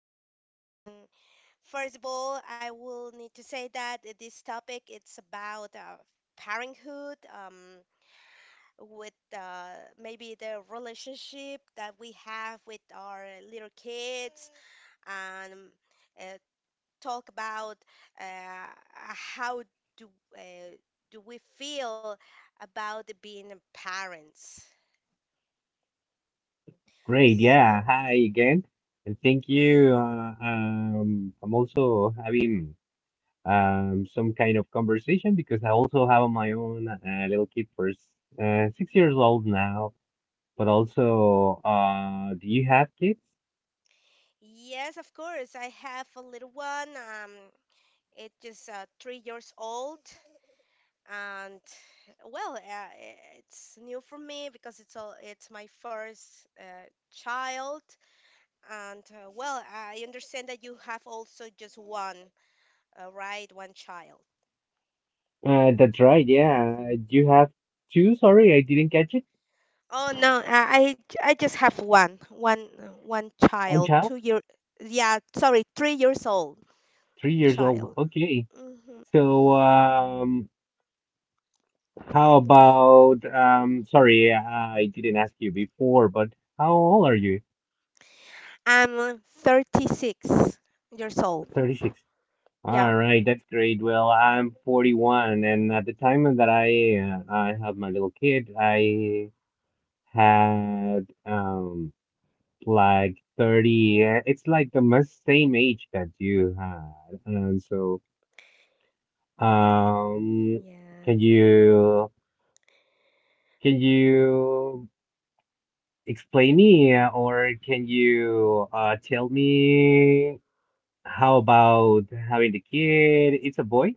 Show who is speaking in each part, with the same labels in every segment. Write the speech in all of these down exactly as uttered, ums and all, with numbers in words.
Speaker 1: well, mm, first of all, I will need to say that this topic it's about uh, parenthood, um, with uh, maybe the relationship that we have with our little kids, and uh, talk about uh, how do uh, do we feel about being parents.
Speaker 2: Great, yeah.
Speaker 1: So.
Speaker 2: Hi again, and thank you. Uh, um, I'm also having um some kind of conversation because I also have my own uh, little kid for s- uh, six years old now. But also, uh, do you have kids?
Speaker 1: Yes, of course. I have a little one. Um, it is uh, three years old, and well, uh, it's new for me because it's all it's my first uh, child. And uh, well, I understand that you have also just one, uh, right? One child.
Speaker 2: Uh, that's right. Yeah, you have two. Sorry, I didn't catch it.
Speaker 1: Oh no, I I I just have one, one, one
Speaker 2: One
Speaker 1: child. Two
Speaker 2: child,
Speaker 1: year, yeah, sorry, three years old
Speaker 2: three years old.
Speaker 1: child.
Speaker 2: Okay.
Speaker 1: Hmm
Speaker 2: So, um, how about um? Sorry, I didn't ask you before, but how old are you?
Speaker 1: I'm thirty-six years old.
Speaker 2: thirty-six.
Speaker 1: Yeah.
Speaker 2: All right, that's great. Well, I'm forty-one, and at the time that I uh, I have my little kid, I had um like thirty. uh, It's like the most same age that you had, and so, um,
Speaker 1: Yeah.
Speaker 2: can you can you explain me, uh, or can you uh tell me how about having the kid? It's a boy,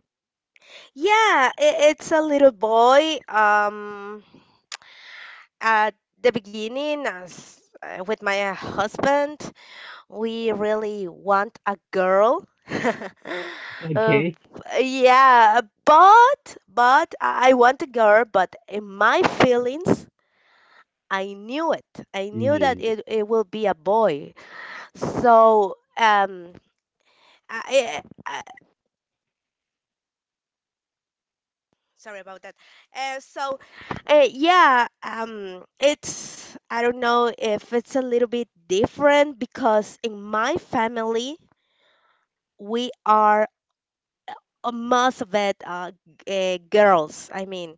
Speaker 1: Yeah, I it's a little boy. Um, at the beginning, as uh, with my uh, husband, we really want a girl. Uh,
Speaker 2: okay?
Speaker 1: yeah, but but I I want a girl. But in my feelings, I knew it. I knew that
Speaker 2: Yeah.
Speaker 1: it it will be a boy. So um, I, I sorry about that. Uh, so, uh, yeah, um, it's I don't know if it's a little bit different because in my family we are uh, most of it uh, g- uh, girls. I mean,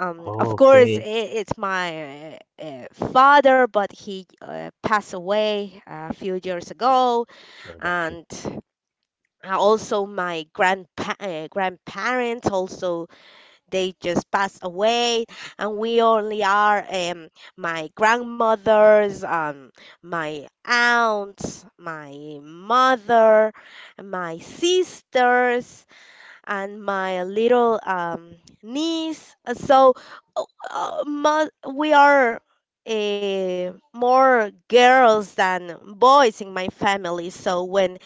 Speaker 1: um, of course I
Speaker 2: Okay.
Speaker 1: it's my uh, uh, father, but he uh, passed away a few years ago,
Speaker 2: Sorry about that.
Speaker 1: and. uh, Also, my grandpa- uh, grandparents also they just passed away and we only are um, my grandmothers, um, my aunts, my mother, my sisters, and my little um, niece. Uh, so uh, uh, mo- we are uh, more girls than boys in my family, so when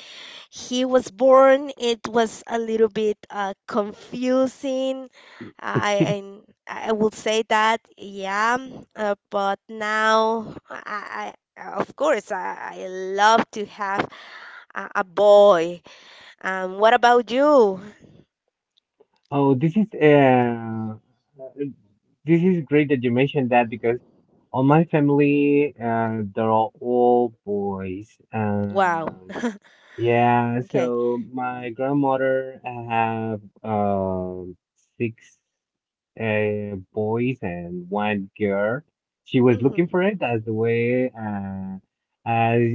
Speaker 1: he was born, it was a little bit uh, confusing. I, I I would say that, yeah. Uh, but now, I, I of course, I, I love to have a, a boy. Um, what about you?
Speaker 2: Oh, this is uh, this is great that you mentioned that because on my family, uh, they're all, all boys.
Speaker 1: Wow.
Speaker 2: Um, yeah,
Speaker 1: Okay.
Speaker 2: so my grandmother have um six uh boys and one girl. She was looking
Speaker 1: Mhm.
Speaker 2: for it as the way uh as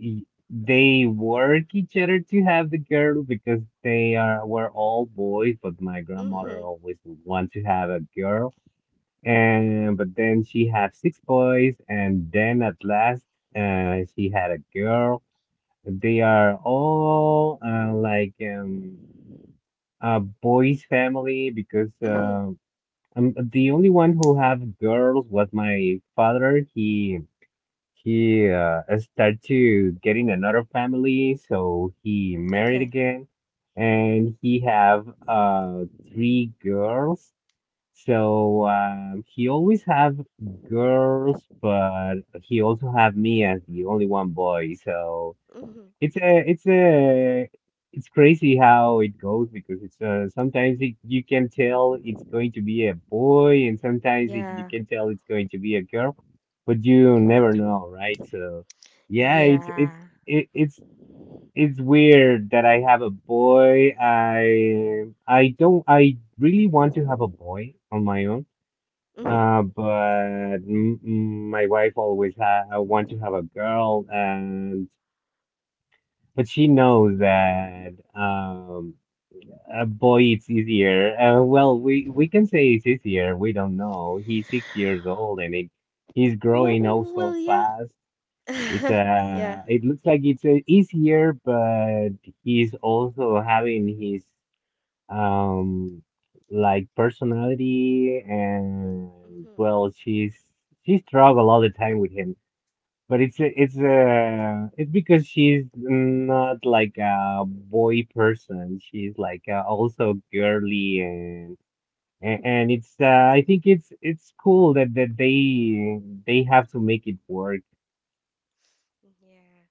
Speaker 2: y- they work each other to have the girl because they are were all boys, but my grandmother
Speaker 1: Mhm.
Speaker 2: always wanted to have a girl. And but then she had six boys, and then at last, uh, she had a girl. They are all, uh, like um a boys family, because
Speaker 1: Mhm.
Speaker 2: uh, um the only one who have girls was my father. He he uh, started to getting another family, so he married
Speaker 1: Okay.
Speaker 2: again, and he have uh three girls. So, um, he always have girls, but he also have me as the only one boy. So
Speaker 1: Mhm.
Speaker 2: it's a it's a it's crazy how it goes, because it's uh, sometimes it, you can tell it's going to be a boy, and sometimes it, you
Speaker 1: Yeah.
Speaker 2: can tell it's going to be a girl, but you never
Speaker 1: Mhm.
Speaker 2: know, right? So yeah, it's
Speaker 1: Yeah.
Speaker 2: it's it, it's it's weird that I have a boy. I I don't. I really want to have a boy on my own.
Speaker 1: Mhm.
Speaker 2: Uh, but m m- my wife always ha I want to have a girl, and but she knows that um a boy it's easier. Uh, well, we we can say it's easier. We don't know. He's six years old, and it he's
Speaker 1: W-
Speaker 2: growing
Speaker 1: Well,
Speaker 2: also
Speaker 1: yeah.
Speaker 2: fast. It's
Speaker 1: Yeah.
Speaker 2: uh it looks like it's, uh, easier, but he's also having his, um like, personality. And
Speaker 1: Mhm.
Speaker 2: well, she's she struggle all the time with him, but it's a- it's uh it's because she's not like a boy person. She's like, uh, also, girly, and and, and
Speaker 1: Mhm.
Speaker 2: it's, uh, I think it's it's cool that that they they have to make it work.
Speaker 1: Yeah.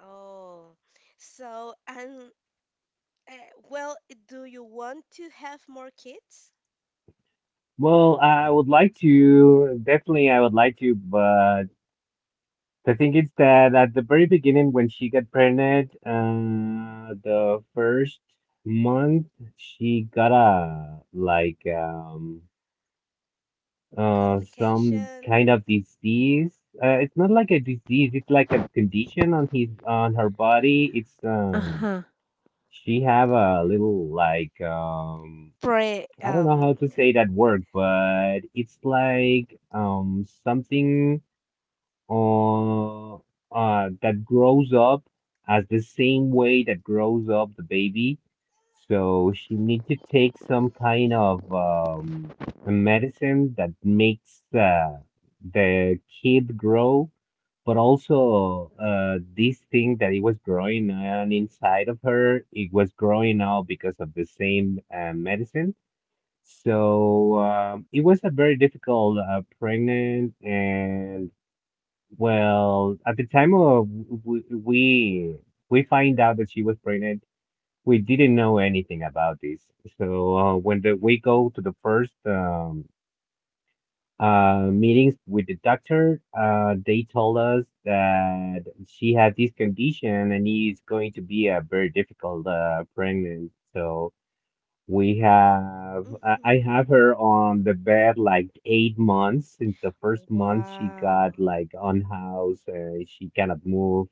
Speaker 1: Oh, so and uh, well, do you want to have more kids?
Speaker 2: Well, I would like to, definitely I would like to, but the thing is that at the very beginning when she got pregnant, uh, the first month she got a like um. uh some
Speaker 1: Complication?
Speaker 2: kind of disease. Uh, it's not like a disease, it's like a condition on his on her body. It's um
Speaker 1: Uh-huh.
Speaker 2: She have a little, like, um
Speaker 1: Pre
Speaker 2: I don't
Speaker 1: um.
Speaker 2: know how to say that word, but it's like, um something uh, uh, that grows up as the same way that grows up the baby. So she need to take some kind of, um, a medicine that makes, uh, the kid grow, but also, uh, this thing that it was growing on inside of her, it was growing out because of the same, uh, medicine. So, um, it was a very difficult uh, pregnant. And well, at the time of w- w- we we find out that she was pregnant, we didn't know anything about this. So, uh, when the, we go to the first, um, uh, meetings with the doctor, uh, they told us that she has this condition and it's going to be a very difficult uh, pregnancy. So we have, I I
Speaker 1: Mhm.
Speaker 2: have her on the bed like eight months. Since the first month, she got
Speaker 1: Wow.
Speaker 2: like unhoused. Uh, she cannot move.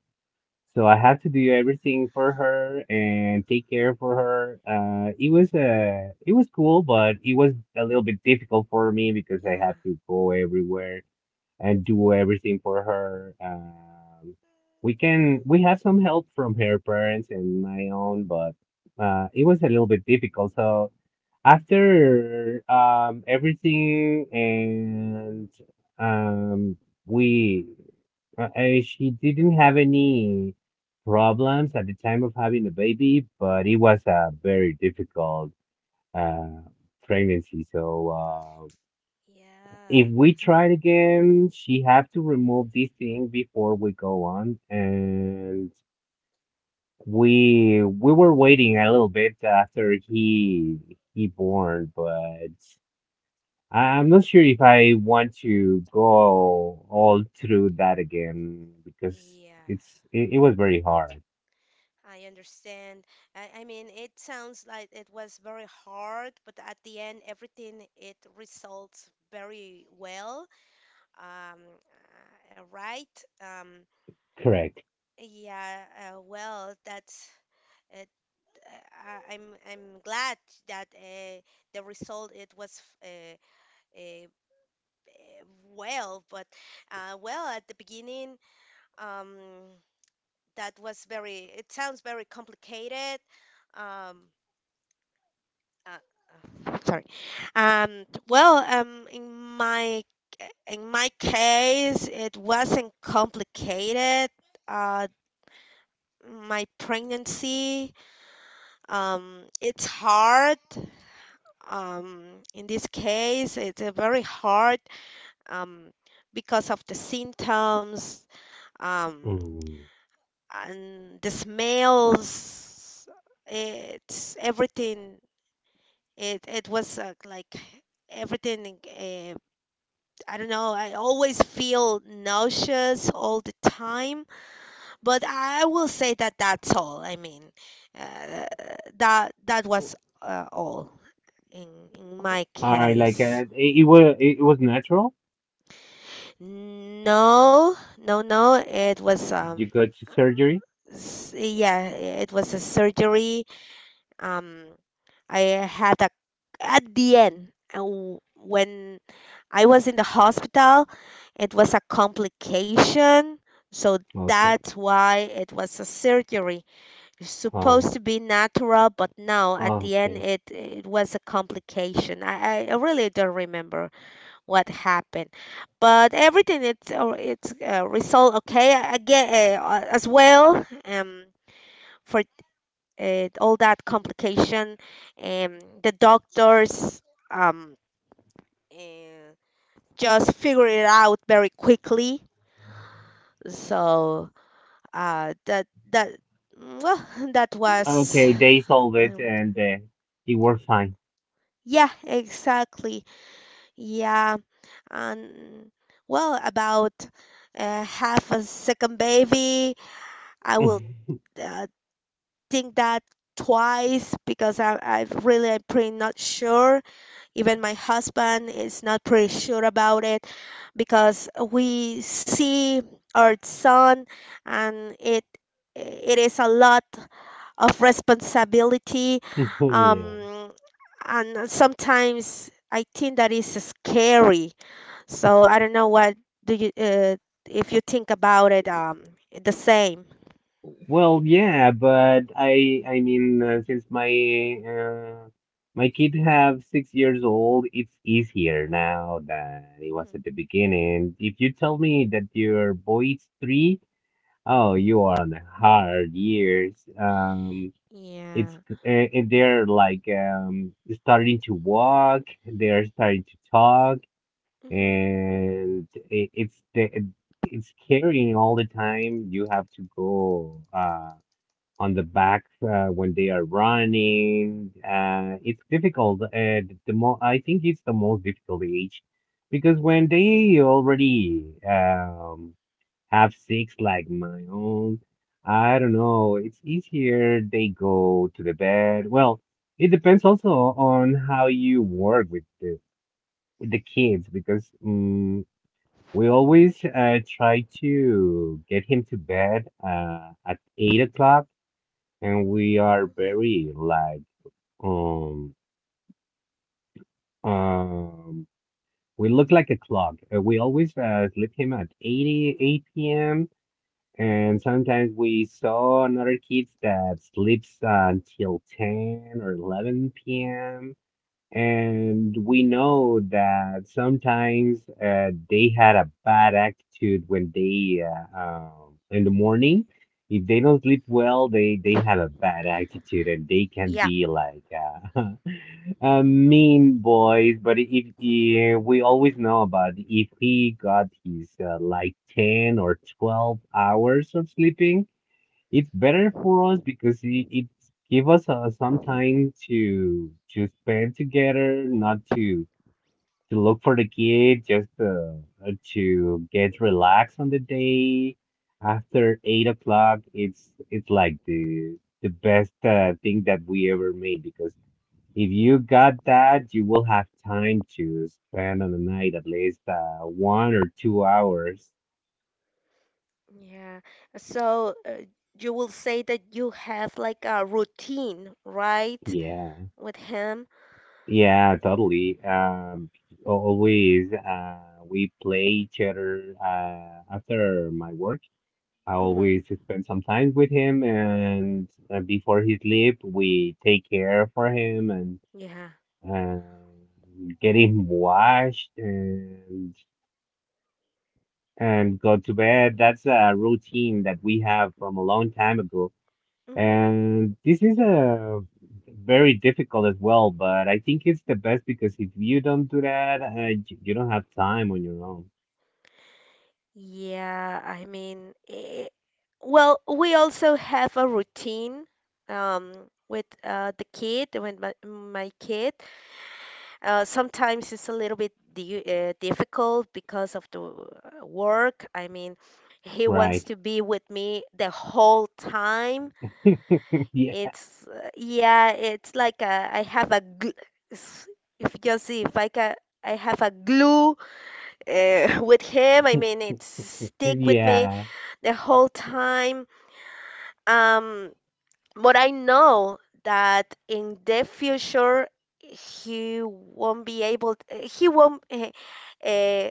Speaker 2: So I have to do everything for her and take care for her. Uh, it was uh, it was cool, but it was a little bit difficult for me because I have
Speaker 1: Yeah.
Speaker 2: to go everywhere and do everything for her. Um, we can we
Speaker 1: Mhm.
Speaker 2: have some help from her parents and my own, but uh, it was a little bit difficult. So after, um, everything, and um, we uh, uh, she didn't have any problems at the time of having a baby, but it was a very difficult uh, pregnancy. So, uh, if
Speaker 1: Yeah,
Speaker 2: we try it again, she have to remove this thing before we go on. And we we were waiting a little bit after he he born, but I'm not sure if I want to go all through that again because
Speaker 1: yeah,
Speaker 2: it's it, it was very hard.
Speaker 1: I understand. I, I mean, it sounds like it was very hard, but at the end, everything it results very well. Um, uh, right? Um,
Speaker 2: Correct.
Speaker 1: Yeah, uh, well, that's it. Uh, I- I'm I'm glad that uh, the result it was uh, uh, uh, well, but uh, well at the beginning, um, that was very. It sounds very complicated. Um, uh, uh, sorry. Um, well, um, in my in my case, it wasn't complicated. Uh, my pregnancy. Um, it's hard. Um, in this case, it's a very hard um, because of the symptoms um,
Speaker 2: Mm.
Speaker 1: and the smells. It's everything. It it was uh, like everything. Uh, I don't know. I always feel nauseous all the time. But I will say that that's all. I mean, uh, that that was uh, all. in in my
Speaker 2: I like
Speaker 1: case.
Speaker 2: uh, it, it was it was natural.
Speaker 1: No, no, no. It was um
Speaker 2: You go to surgery.
Speaker 1: s- yeah, it was a surgery. Um, I had a at the end uh, w- when I was in the hospital, it was a complication. So
Speaker 2: Okay.
Speaker 1: that's why it was a surgery. It's supposed
Speaker 2: Um.
Speaker 1: to be natural, but no, at the end
Speaker 2: Okay.
Speaker 1: it it was a complication. I I I really don't remember what happened, but everything it's uh, it's uh, resolved. Okay, I I get uh, uh, as well, um for uh, all that complication, um the doctors um uh, just figure it out very quickly. So uh that that well that was
Speaker 2: Okay, they solved
Speaker 1: I
Speaker 2: it,
Speaker 1: would-
Speaker 2: and uh, it worked fine.
Speaker 1: yeah, exactly. Yeah. And well, about uh, half a second baby, I will uh, think that twice because I, I really am pretty not sure. Even my husband is not pretty sure about it because we see our son and it it is a lot of responsibility,
Speaker 2: Yeah.
Speaker 1: um, and sometimes I think that is scary. So I don't know what do you uh, if you think about it um, the same.
Speaker 2: Well, yeah, but I I mean, uh, since my uh, my kid have six years old, it's easier now than it was
Speaker 1: Mhm.
Speaker 2: at the beginning. If you tell me that your boy is three, oh, you are on the hard years. Um, it's
Speaker 1: Yeah.
Speaker 2: c- uh, and they're like, um starting to walk, they're starting to talk,
Speaker 1: Mhm.
Speaker 2: and i- it's the it's carrying all the time. You have to go, uh, on the back, uh, when they are running. Uh, it's difficult. Uh, the the mo I think it's the most difficult age because when they already, um, have six like my own. I don't know. It's easier. They go to the bed. Well, it depends also on how you work with the with the kids, because mm, we
Speaker 1: Mhm.
Speaker 2: always, uh, try to get him to bed, uh, at eight o'clock, and we are
Speaker 1: Mhm.
Speaker 2: very, like um um we look like a clock. Uh, we always, uh, sleep him at eighty, eight p m. And sometimes we saw another kids that sleeps until ten or eleven p m. And we know that sometimes, uh, they had a bad attitude when they uh, um in the morning. If they don't sleep
Speaker 1: Mhm.
Speaker 2: well, they they have a bad attitude, and they can
Speaker 1: Yeah.
Speaker 2: be like, uh, uh, mean boys. But if,
Speaker 1: Mhm.
Speaker 2: if we always know about if he got his, uh, like, ten or twelve hours of sleeping, it's better for
Speaker 1: Mhm.
Speaker 2: us because it, it give us, uh, some time to to spend together, not to to look for the kid, just, uh, uh, to get relaxed on the day. After eight o'clock, it's it's like the the best, uh, thing that we ever made, because if you got that, you will have time to spend on the night, at least, uh, one or two hours.
Speaker 1: Yeah. So uh, you will say that you have like a routine, right,
Speaker 2: Yeah.
Speaker 1: with him?
Speaker 2: Yeah,
Speaker 1: Yeah.
Speaker 2: totally. Um, always, uh, we play each other, uh, after my work. I
Speaker 1: Mhm.
Speaker 2: always spend some time with him, and, uh, before he sleep, we take care for him, and
Speaker 1: Yeah.
Speaker 2: uh, get him washed, and and go to bed. That's a routine that we have from a long time ago.
Speaker 1: Mhm.
Speaker 2: And this is a very difficult as well, but I think it's the best, because if you don't do that, uh, you you don't have time on your own.
Speaker 1: Yeah, I mean, eh, well, we also have a routine um with uh the kid, with my my kid. Uh, sometimes it's a little bit di uh, difficult because of the uh, work. I mean, he wants
Speaker 2: Right.
Speaker 1: to be with me the whole time.
Speaker 2: Yeah.
Speaker 1: It's uh, Yeah, it's like a, I have a gl- s- if you see if I can, I have a glue uh, with him. I mean, it's stick with me
Speaker 2: Yeah.
Speaker 1: the whole time. Um, but I know that in the future he won't be able t- he won't uh, uh,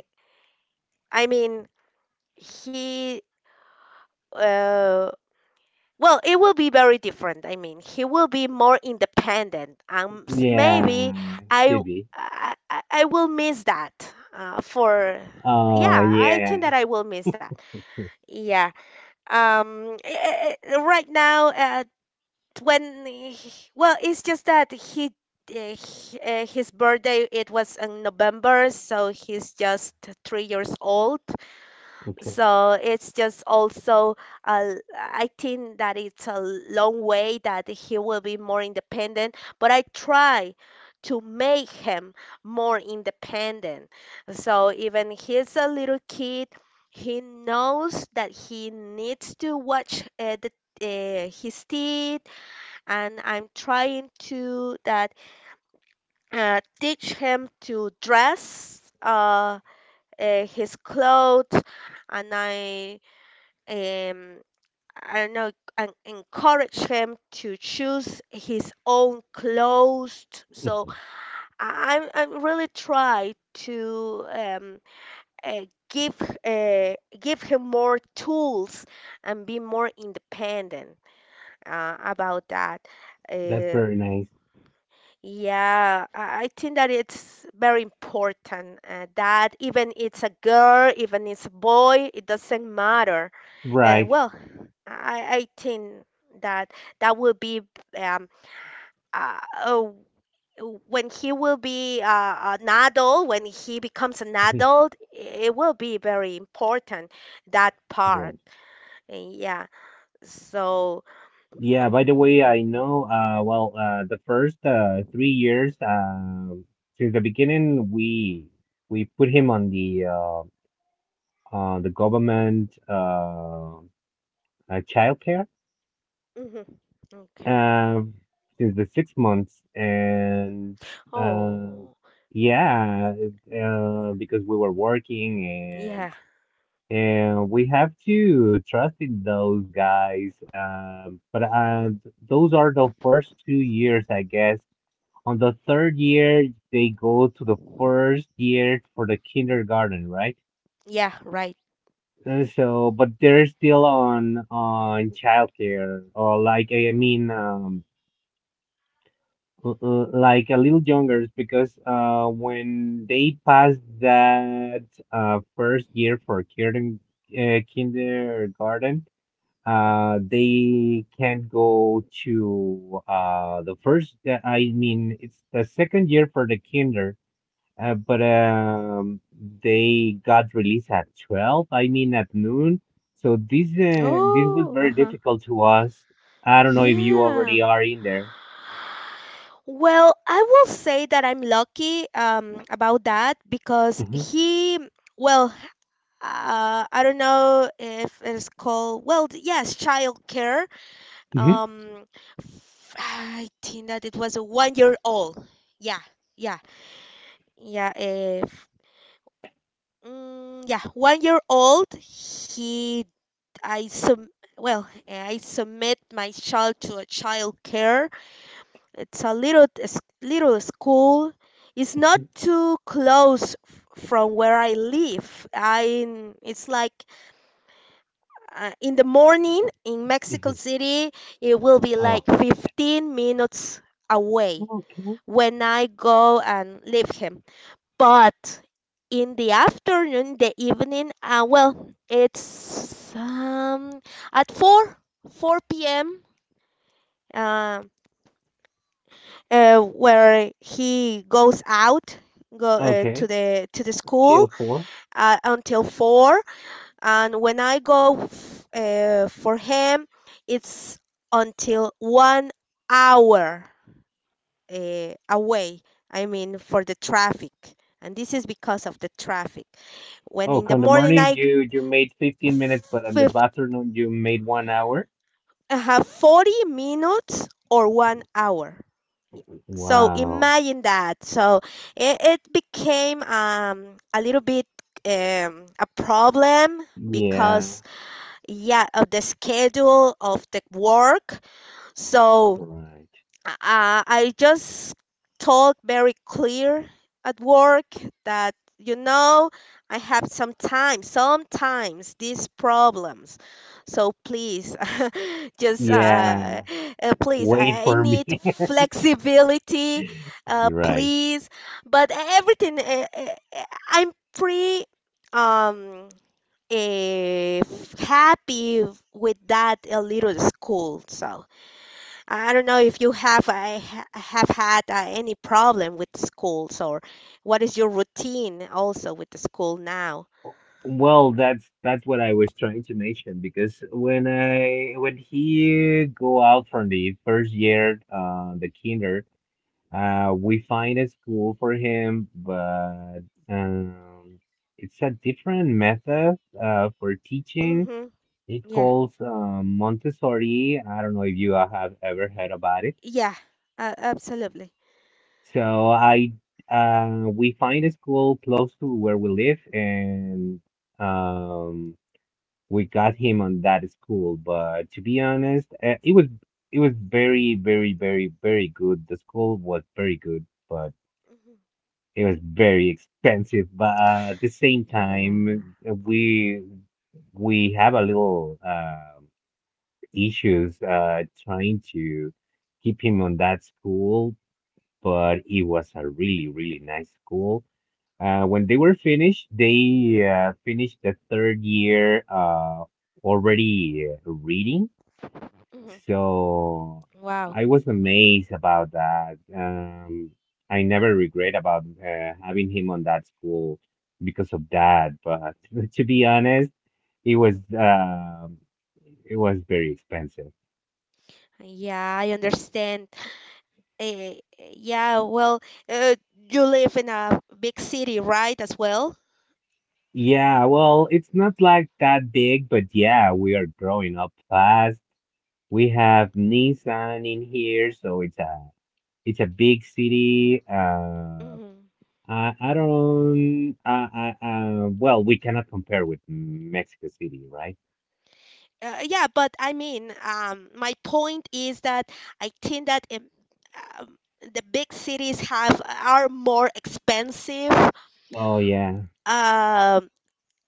Speaker 1: I mean he uh, well, it will be very different. I mean, he will be more independent. Um s- maybe
Speaker 2: Yeah.
Speaker 1: I
Speaker 2: Should
Speaker 1: w-
Speaker 2: be.
Speaker 1: I, I- I will miss that uh, for
Speaker 2: Oh,
Speaker 1: yeah, I think
Speaker 2: yeah.
Speaker 1: that I will miss that. Yeah. Um, eh, eh, eh, right now, uh, when he- well, it's just that he uh, h- uh, his birthday it was in November, so he's just three years old.
Speaker 2: Okay.
Speaker 1: So it's just also uh, I think that it's a long way that he will be more independent, but I try to make him more independent. So, even he's a little kid, he knows that he needs to watch uh, the uh, his teeth, and I'm trying to that uh, teach him to dress uh, uh, his clothes, and I um I don't know, and encourage him to choose his own clothes. So I- I'm I'm really try to um uh, give uh, give him more tools and be more independent uh, about that.
Speaker 2: That's
Speaker 1: Uh,
Speaker 2: very nice.
Speaker 1: Yeah, I I think that it's very important uh, that even it's a girl, even it's a boy, it doesn't matter. Uh,
Speaker 2: Right.
Speaker 1: well, I, I think that that will be um, uh, oh, when he will be uh, an adult, when he becomes an adult, it will be very important, that part.
Speaker 2: Right.
Speaker 1: Uh, Yeah, so,
Speaker 2: Yeah, by the way, I know, uh, well, uh, the first, uh, three years, um since the beginning, we we put him on the uh, uh, the government, uh, uh, childcare,
Speaker 1: mhm, okay.
Speaker 2: uh, since the six months, and, uh,
Speaker 1: Oh,
Speaker 2: yeah, uh, because we were working, and
Speaker 1: yeah.
Speaker 2: and we have to trust in those guys. Um, but
Speaker 1: hmm
Speaker 2: uh, those are the first two years, I guess. On the third year, they go to the first year for the kindergarten, right?
Speaker 1: Yeah, right.
Speaker 2: Uh, So, but they're still on on childcare, or like, I mean, um l- l- like, a little younger, because uh when they pass that uh first year for kindergarten, uh, kindergarten uh they can't go to uh the first, uh, I mean it's the second year for the kinder, uh, but, um, they got released at twelve, I mean, at noon. So this uh, this was
Speaker 1: Oh,
Speaker 2: very
Speaker 1: uh-huh.
Speaker 2: difficult to us. I don't know if you
Speaker 1: Yeah.
Speaker 2: already are in there.
Speaker 1: Well, I will say that I'm lucky um, about that because
Speaker 2: Mhm,
Speaker 1: he, well, uh, I don't know if it's called, well, th- yes, child care.
Speaker 2: mhm,
Speaker 1: Um, f- I think that it was a one year old. Yeah, yeah, yeah. If, mm, Yeah, one year old, he, I sub, well, I submit my child to a child care. It's a little s- little school. It's not too close f- from where I live. I it's like uh, In the morning in Mexico
Speaker 2: mhm.
Speaker 1: City, it will be like
Speaker 2: Oh,
Speaker 1: fifteen minutes away
Speaker 2: okay.
Speaker 1: when I go and leave him. But in the afternoon, the evening, uh, well, it's um, at four four p m. Um, uh, where he goes out, go uh, to
Speaker 2: Okay.
Speaker 1: the to the school
Speaker 2: Till four.
Speaker 1: uh, until four. And when I go f- uh, for him, it's until one hour uh, away, I mean for the traffic, and this is because of the traffic. When
Speaker 2: Oh,
Speaker 1: in the
Speaker 2: come the
Speaker 1: morning,
Speaker 2: morning
Speaker 1: i
Speaker 2: you you made fifteen minutes,
Speaker 1: f-
Speaker 2: but in the
Speaker 1: fif-
Speaker 2: afternoon you made one hour.
Speaker 1: I have forty minutes or one hour. So
Speaker 2: Wow.
Speaker 1: imagine that. So it, it became um a little bit um a problem because
Speaker 2: Yeah.
Speaker 1: yeah, of the schedule of the work. So
Speaker 2: Right.
Speaker 1: uh, I just told very clear at work that, you know, I have sometimes sometimes these problems. So please, just uh,
Speaker 2: Yeah.
Speaker 1: uh, please,
Speaker 2: Wait
Speaker 1: I I
Speaker 2: for me.
Speaker 1: need flexibility, uh,
Speaker 2: Right.
Speaker 1: please. But everything, uh, uh, uh, I'm pretty um eh, happy with that uh, little school. So I don't know if you have I ha- have had uh, any problem with schools, or what is your routine also with the school now?
Speaker 2: Well, that's that's what I was trying to mention, because when I when he go out from the first year, uh, the kinder, uh, we find a school for him, but, um, it's a different method uh for teaching.
Speaker 1: Mm-hmm.
Speaker 2: It
Speaker 1: Yeah.
Speaker 2: calls, um, Montessori. I don't know if you have ever heard about it.
Speaker 1: Yeah. Uh, absolutely.
Speaker 2: So I uh we find a school close to where we live and. Um, we got him on that school. But to be honest, uh, it was it was very, very, very, very good. The school was very good, but
Speaker 1: Hmm
Speaker 2: it was very expensive. But uh, at the same
Speaker 1: Yeah.
Speaker 2: time, uh, we we have a little uh, issues uh, trying to keep him on that school. But it was a really, really nice school. Uh, when they were finished, they uh, finished the third year uh, already uh, reading.
Speaker 1: hmm
Speaker 2: So
Speaker 1: Wow.
Speaker 2: I was
Speaker 1: hmm
Speaker 2: amazed about that. Um, I never regret about uh, having him on that school because of that. But to be honest, it was
Speaker 1: hmm
Speaker 2: um it was very expensive.
Speaker 1: Yeah, I understand. Eh. Eh, yeah, well, uh, you live in a big city, right, as well?
Speaker 2: Yeah, well, it's not like that big, but yeah, we are growing up fast. We have Nissan in here, so it's a it's a big city. Uh, I, I don't. I, I, uh, well, we cannot compare with Mexico City, right?
Speaker 1: Uh, yeah, but I mean, um, my point is that I think that um, um, the big cities have are more expensive.
Speaker 2: Oh yeah,
Speaker 1: Um,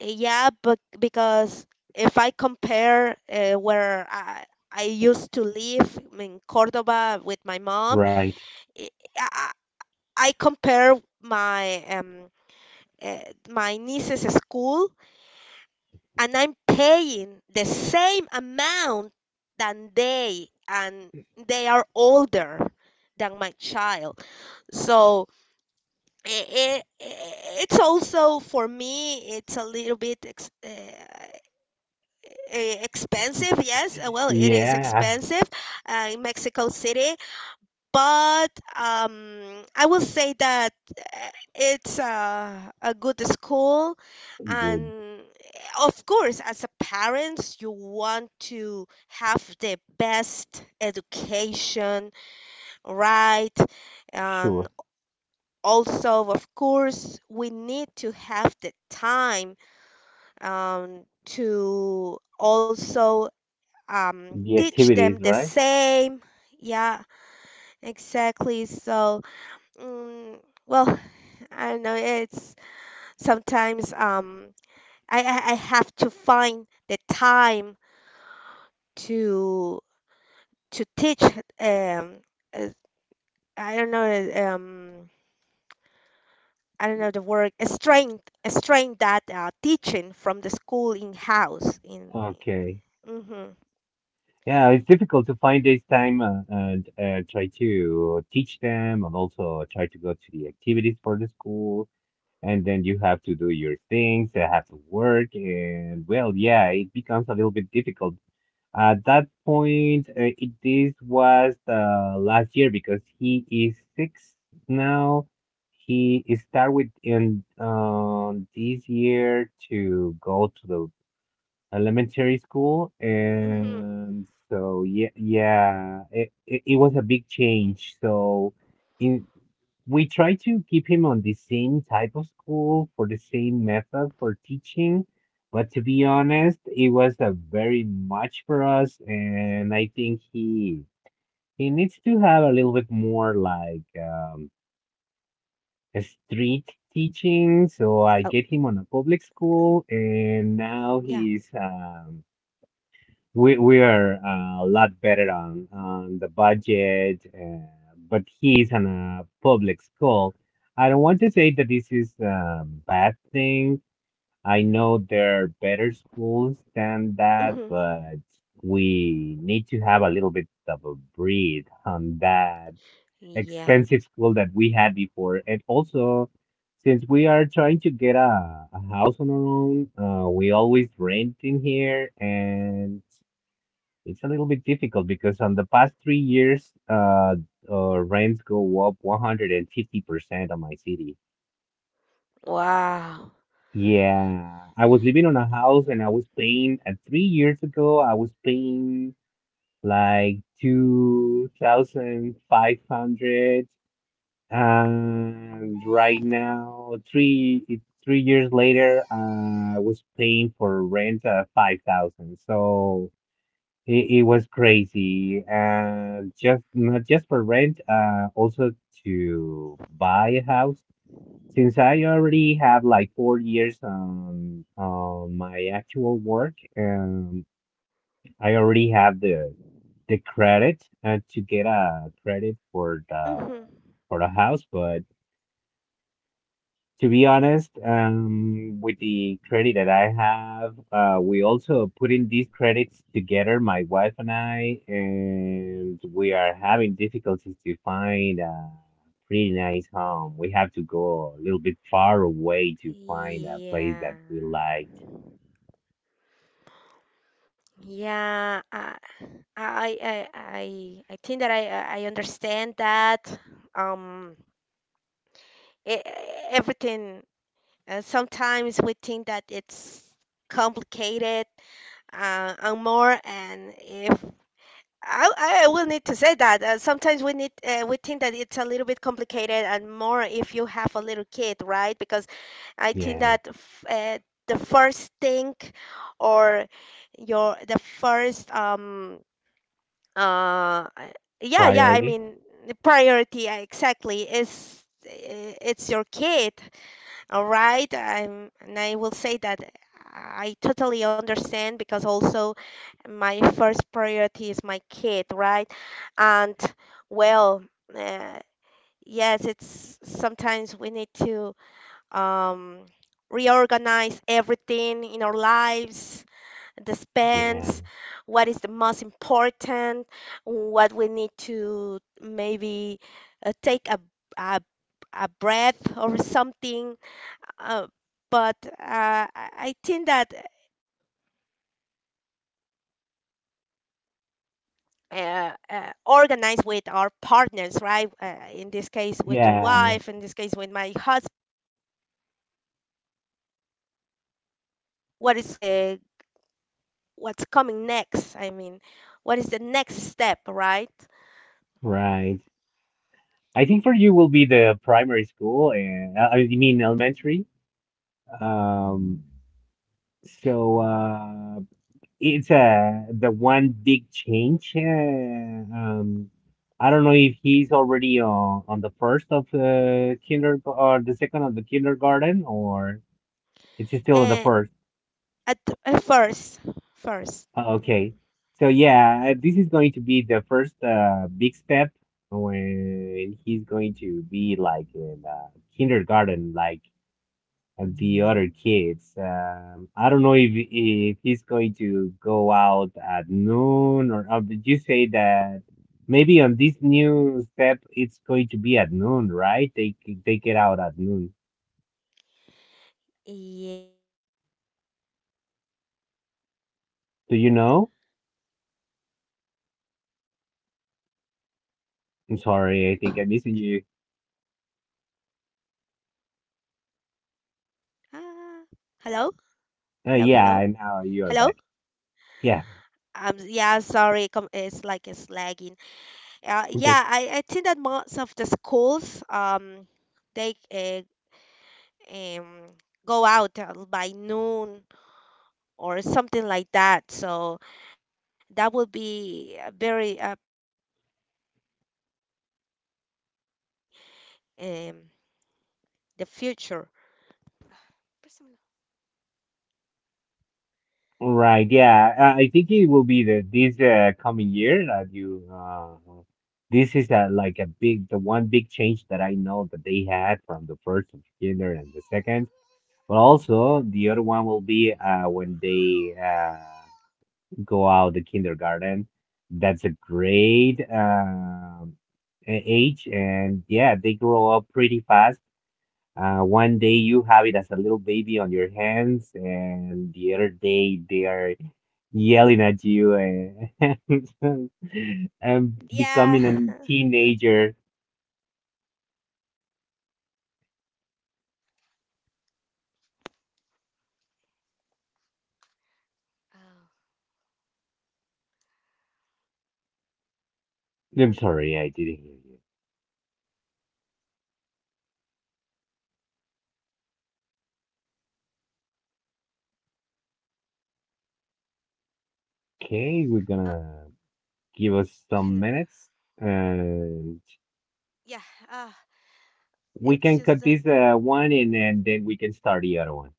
Speaker 1: yeah, but because if I compare uh, where I, I used to live in Cordoba with my mom,
Speaker 2: right.
Speaker 1: eh, I, I I compare my um, uh, my niece's school, and I'm paying the same amount than they, and they are older than my child. So it, it's also for me, it's a little bit ex- uh, eh, expensive. Yes, uh, well, it is
Speaker 2: Yeah,
Speaker 1: expensive uh, in Mexico City, but um, I will say that uh, it's a, a good school,
Speaker 2: good.
Speaker 1: and eh, of course, as a parents, you want to have the best education, right? And
Speaker 2: Sure.
Speaker 1: also, of course, we need to have the time um, to also um,
Speaker 2: The
Speaker 1: teach them
Speaker 2: activities,
Speaker 1: the
Speaker 2: right?
Speaker 1: same. Yeah, exactly. So, Mm, well, I don't know. It's sometimes um, I, I I have to find the time to to teach um, uh, I don't know, um, I don't know the word, a strength, a strength that uh, teaching from the school in house in.
Speaker 2: Okay.
Speaker 1: Mm-hmm.
Speaker 2: Yeah, it's difficult to find this time uh, and uh, try to teach them and also try to go to the activities for the school. And then you have to do your things, uh, have to work. And well, yeah, it becomes a little bit difficult. At that point, uh, it, this was the last year because he is six now. He start with in um this year to go to the elementary school,
Speaker 1: Mm-hmm.
Speaker 2: and so yeah, yeah, it, it, it was a big change. So in we try to keep him on the same type of school for the same method for teaching. But to be honest, it was a very much for us, and I think he he needs to have a little bit more like um, a
Speaker 1: Oh,
Speaker 2: street teaching. So I get him
Speaker 1: hmm
Speaker 2: on a public school, and
Speaker 1: yeah.
Speaker 2: now he's um, we we are uh, a lot better on on the budget, uh, but he's in a public school. I don't want to say that this is a bad thing. I know there are better schools than that,
Speaker 1: Mm-hmm.
Speaker 2: but we need to have a little bit of a breathe on that
Speaker 1: Yeah.
Speaker 2: expensive school that we had before. And also, since we are trying to get a, a house on our own, uh, we always rent in here and it's a little bit difficult because on the past three years, uh, uh rents go up one hundred fifty percent on my city.
Speaker 1: Wow.
Speaker 2: Yeah, I was living on a house and I was paying, uh, three years ago, I was paying like two thousand five hundred. And right now, three it- three years later, uh, I was paying for rent uh, five thousand. So It, it was crazy. Uh, just not just for rent, uh, also to buy a house. Since I already have like four years um on my actual work, um, I already have the the credit uh, to get a credit for the
Speaker 1: Mm-hmm.
Speaker 2: for the house, but to be honest, um, with the credit that I have, uh, we also put in these credits together, my wife and I, and we are having difficulties to find a pretty nice home. We have to go a little bit far away to find a place that
Speaker 1: Yeah.
Speaker 2: we liked.
Speaker 1: Yeah. I, I I I I think that I I I understand that um e- e, everything uh, sometimes we think that it's complicated, uh, and more, and if I I I will need to say that uh, sometimes we need uh, we think that it's a little bit complicated, and more if you have a little kid, right? Because I think
Speaker 2: Yeah.
Speaker 1: that f uh, the first thing or your the first um uh I- yeah, yeah, I
Speaker 2: Priority?
Speaker 1: mean the priority, uh, exactly, is i- it's your kid, all right? I'm, and I will say that I totally understand because also my first priority is my kid, right? And well, uh, yes, it's sometimes we need to um reorganize everything in our lives, the
Speaker 2: Yeah.
Speaker 1: spends, what is the most important, what we need to maybe uh, take a, a, a breath or something. Uh, but uh, I I think that uh, it's something that we need to uh, uh, organize with our partners, right? Uh, in this case, with your
Speaker 2: Yeah.
Speaker 1: wife, in this case, with my husband. We need to talk about um, what what is uh, what's coming next. I mean, what is the next step, right?
Speaker 2: Right. I think for you will be the primary school and uh, I mean
Speaker 1: Oh,
Speaker 2: elementary. Um, so, uh, it's uh, the one big change. Uh, um, I don't know if he's already on, on the first of uh, kinder or the second of the kindergarten, or it's still at the
Speaker 1: eh,
Speaker 2: first.
Speaker 1: at, at first, first.
Speaker 2: Uh,
Speaker 1: Mhm.
Speaker 2: okay, so yeah, uh, this is going to be the first uh, big step when he's going to be like in uh, kindergarten, like and the other kids. Um, I don't know if if he's going to go out at noon or uh, did you say that maybe on this new step it's going to be at noon, right? They c- they get out at noon.
Speaker 1: Yeah, I, I think that most of the
Speaker 2: Do
Speaker 1: schools,
Speaker 2: you know?
Speaker 1: yeah. I,
Speaker 2: I'm
Speaker 1: oh,
Speaker 2: sorry, I think I'm missing
Speaker 1: hello?
Speaker 2: you.
Speaker 1: Ah, hello? Hello, hello,
Speaker 2: Uh,
Speaker 1: hello?
Speaker 2: yeah, now you are back.
Speaker 1: Um,
Speaker 2: Yeah.
Speaker 1: yeah, sorry, com it's like it's lagging. Uh, yeah, I, I
Speaker 2: Okay.
Speaker 1: think that most of the schools, um, they uh, um, go out uh, by noon or something like that. So that would be a very uh, pretty big, uh, eh, difficult for me in the future. Personal.
Speaker 2: Right, yeah, uh, I think it will be the this uh, coming year that you uh this is uh like a big the one big change that I know that they had from the first of kinder and the second, but also the other one will be uh when they uh go out the kindergarten. That's a great um a- age and yeah, they grow up pretty fast uh, one day you have it as a little baby on your hands, and the other day they are yelling at you and, and becoming a
Speaker 1: Yeah. Yeah.
Speaker 2: teenager.
Speaker 1: hmm Oh,
Speaker 2: I'm sorry, I didn't hear you.
Speaker 1: gosh, I just. Mm.
Speaker 2: Okay, we're
Speaker 1: Uh,
Speaker 2: gonna give us some
Speaker 1: hel-
Speaker 2: minutes and
Speaker 1: yeah. Uh,
Speaker 2: we can cut
Speaker 1: it's
Speaker 2: this
Speaker 1: just
Speaker 2: uh,
Speaker 1: that.
Speaker 2: one and, and then we can start the other one.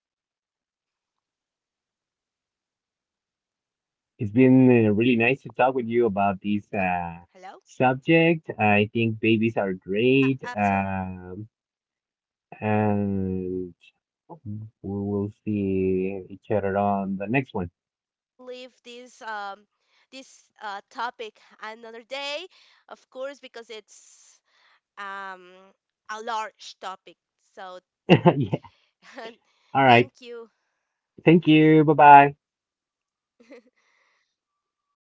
Speaker 1: Yeah. Sorry.
Speaker 2: It's been uh, really nice to
Speaker 1: Oh,
Speaker 2: talk with you
Speaker 1: hello.
Speaker 2: about this uh, subject. I think babies are
Speaker 1: Oh,
Speaker 2: great.
Speaker 1: yeah.
Speaker 2: Um,
Speaker 1: Absolutely.
Speaker 2: and
Speaker 1: I would think that
Speaker 2: we
Speaker 1: we are going to
Speaker 2: will
Speaker 1: leave this
Speaker 2: see each
Speaker 1: um
Speaker 2: other on the
Speaker 1: this
Speaker 2: next one.
Speaker 1: uh topic another day, of course, because it's um a large topic. So thank you.
Speaker 2: yeah. All right. Thank you. Bye bye.
Speaker 1: Thank you. Bye.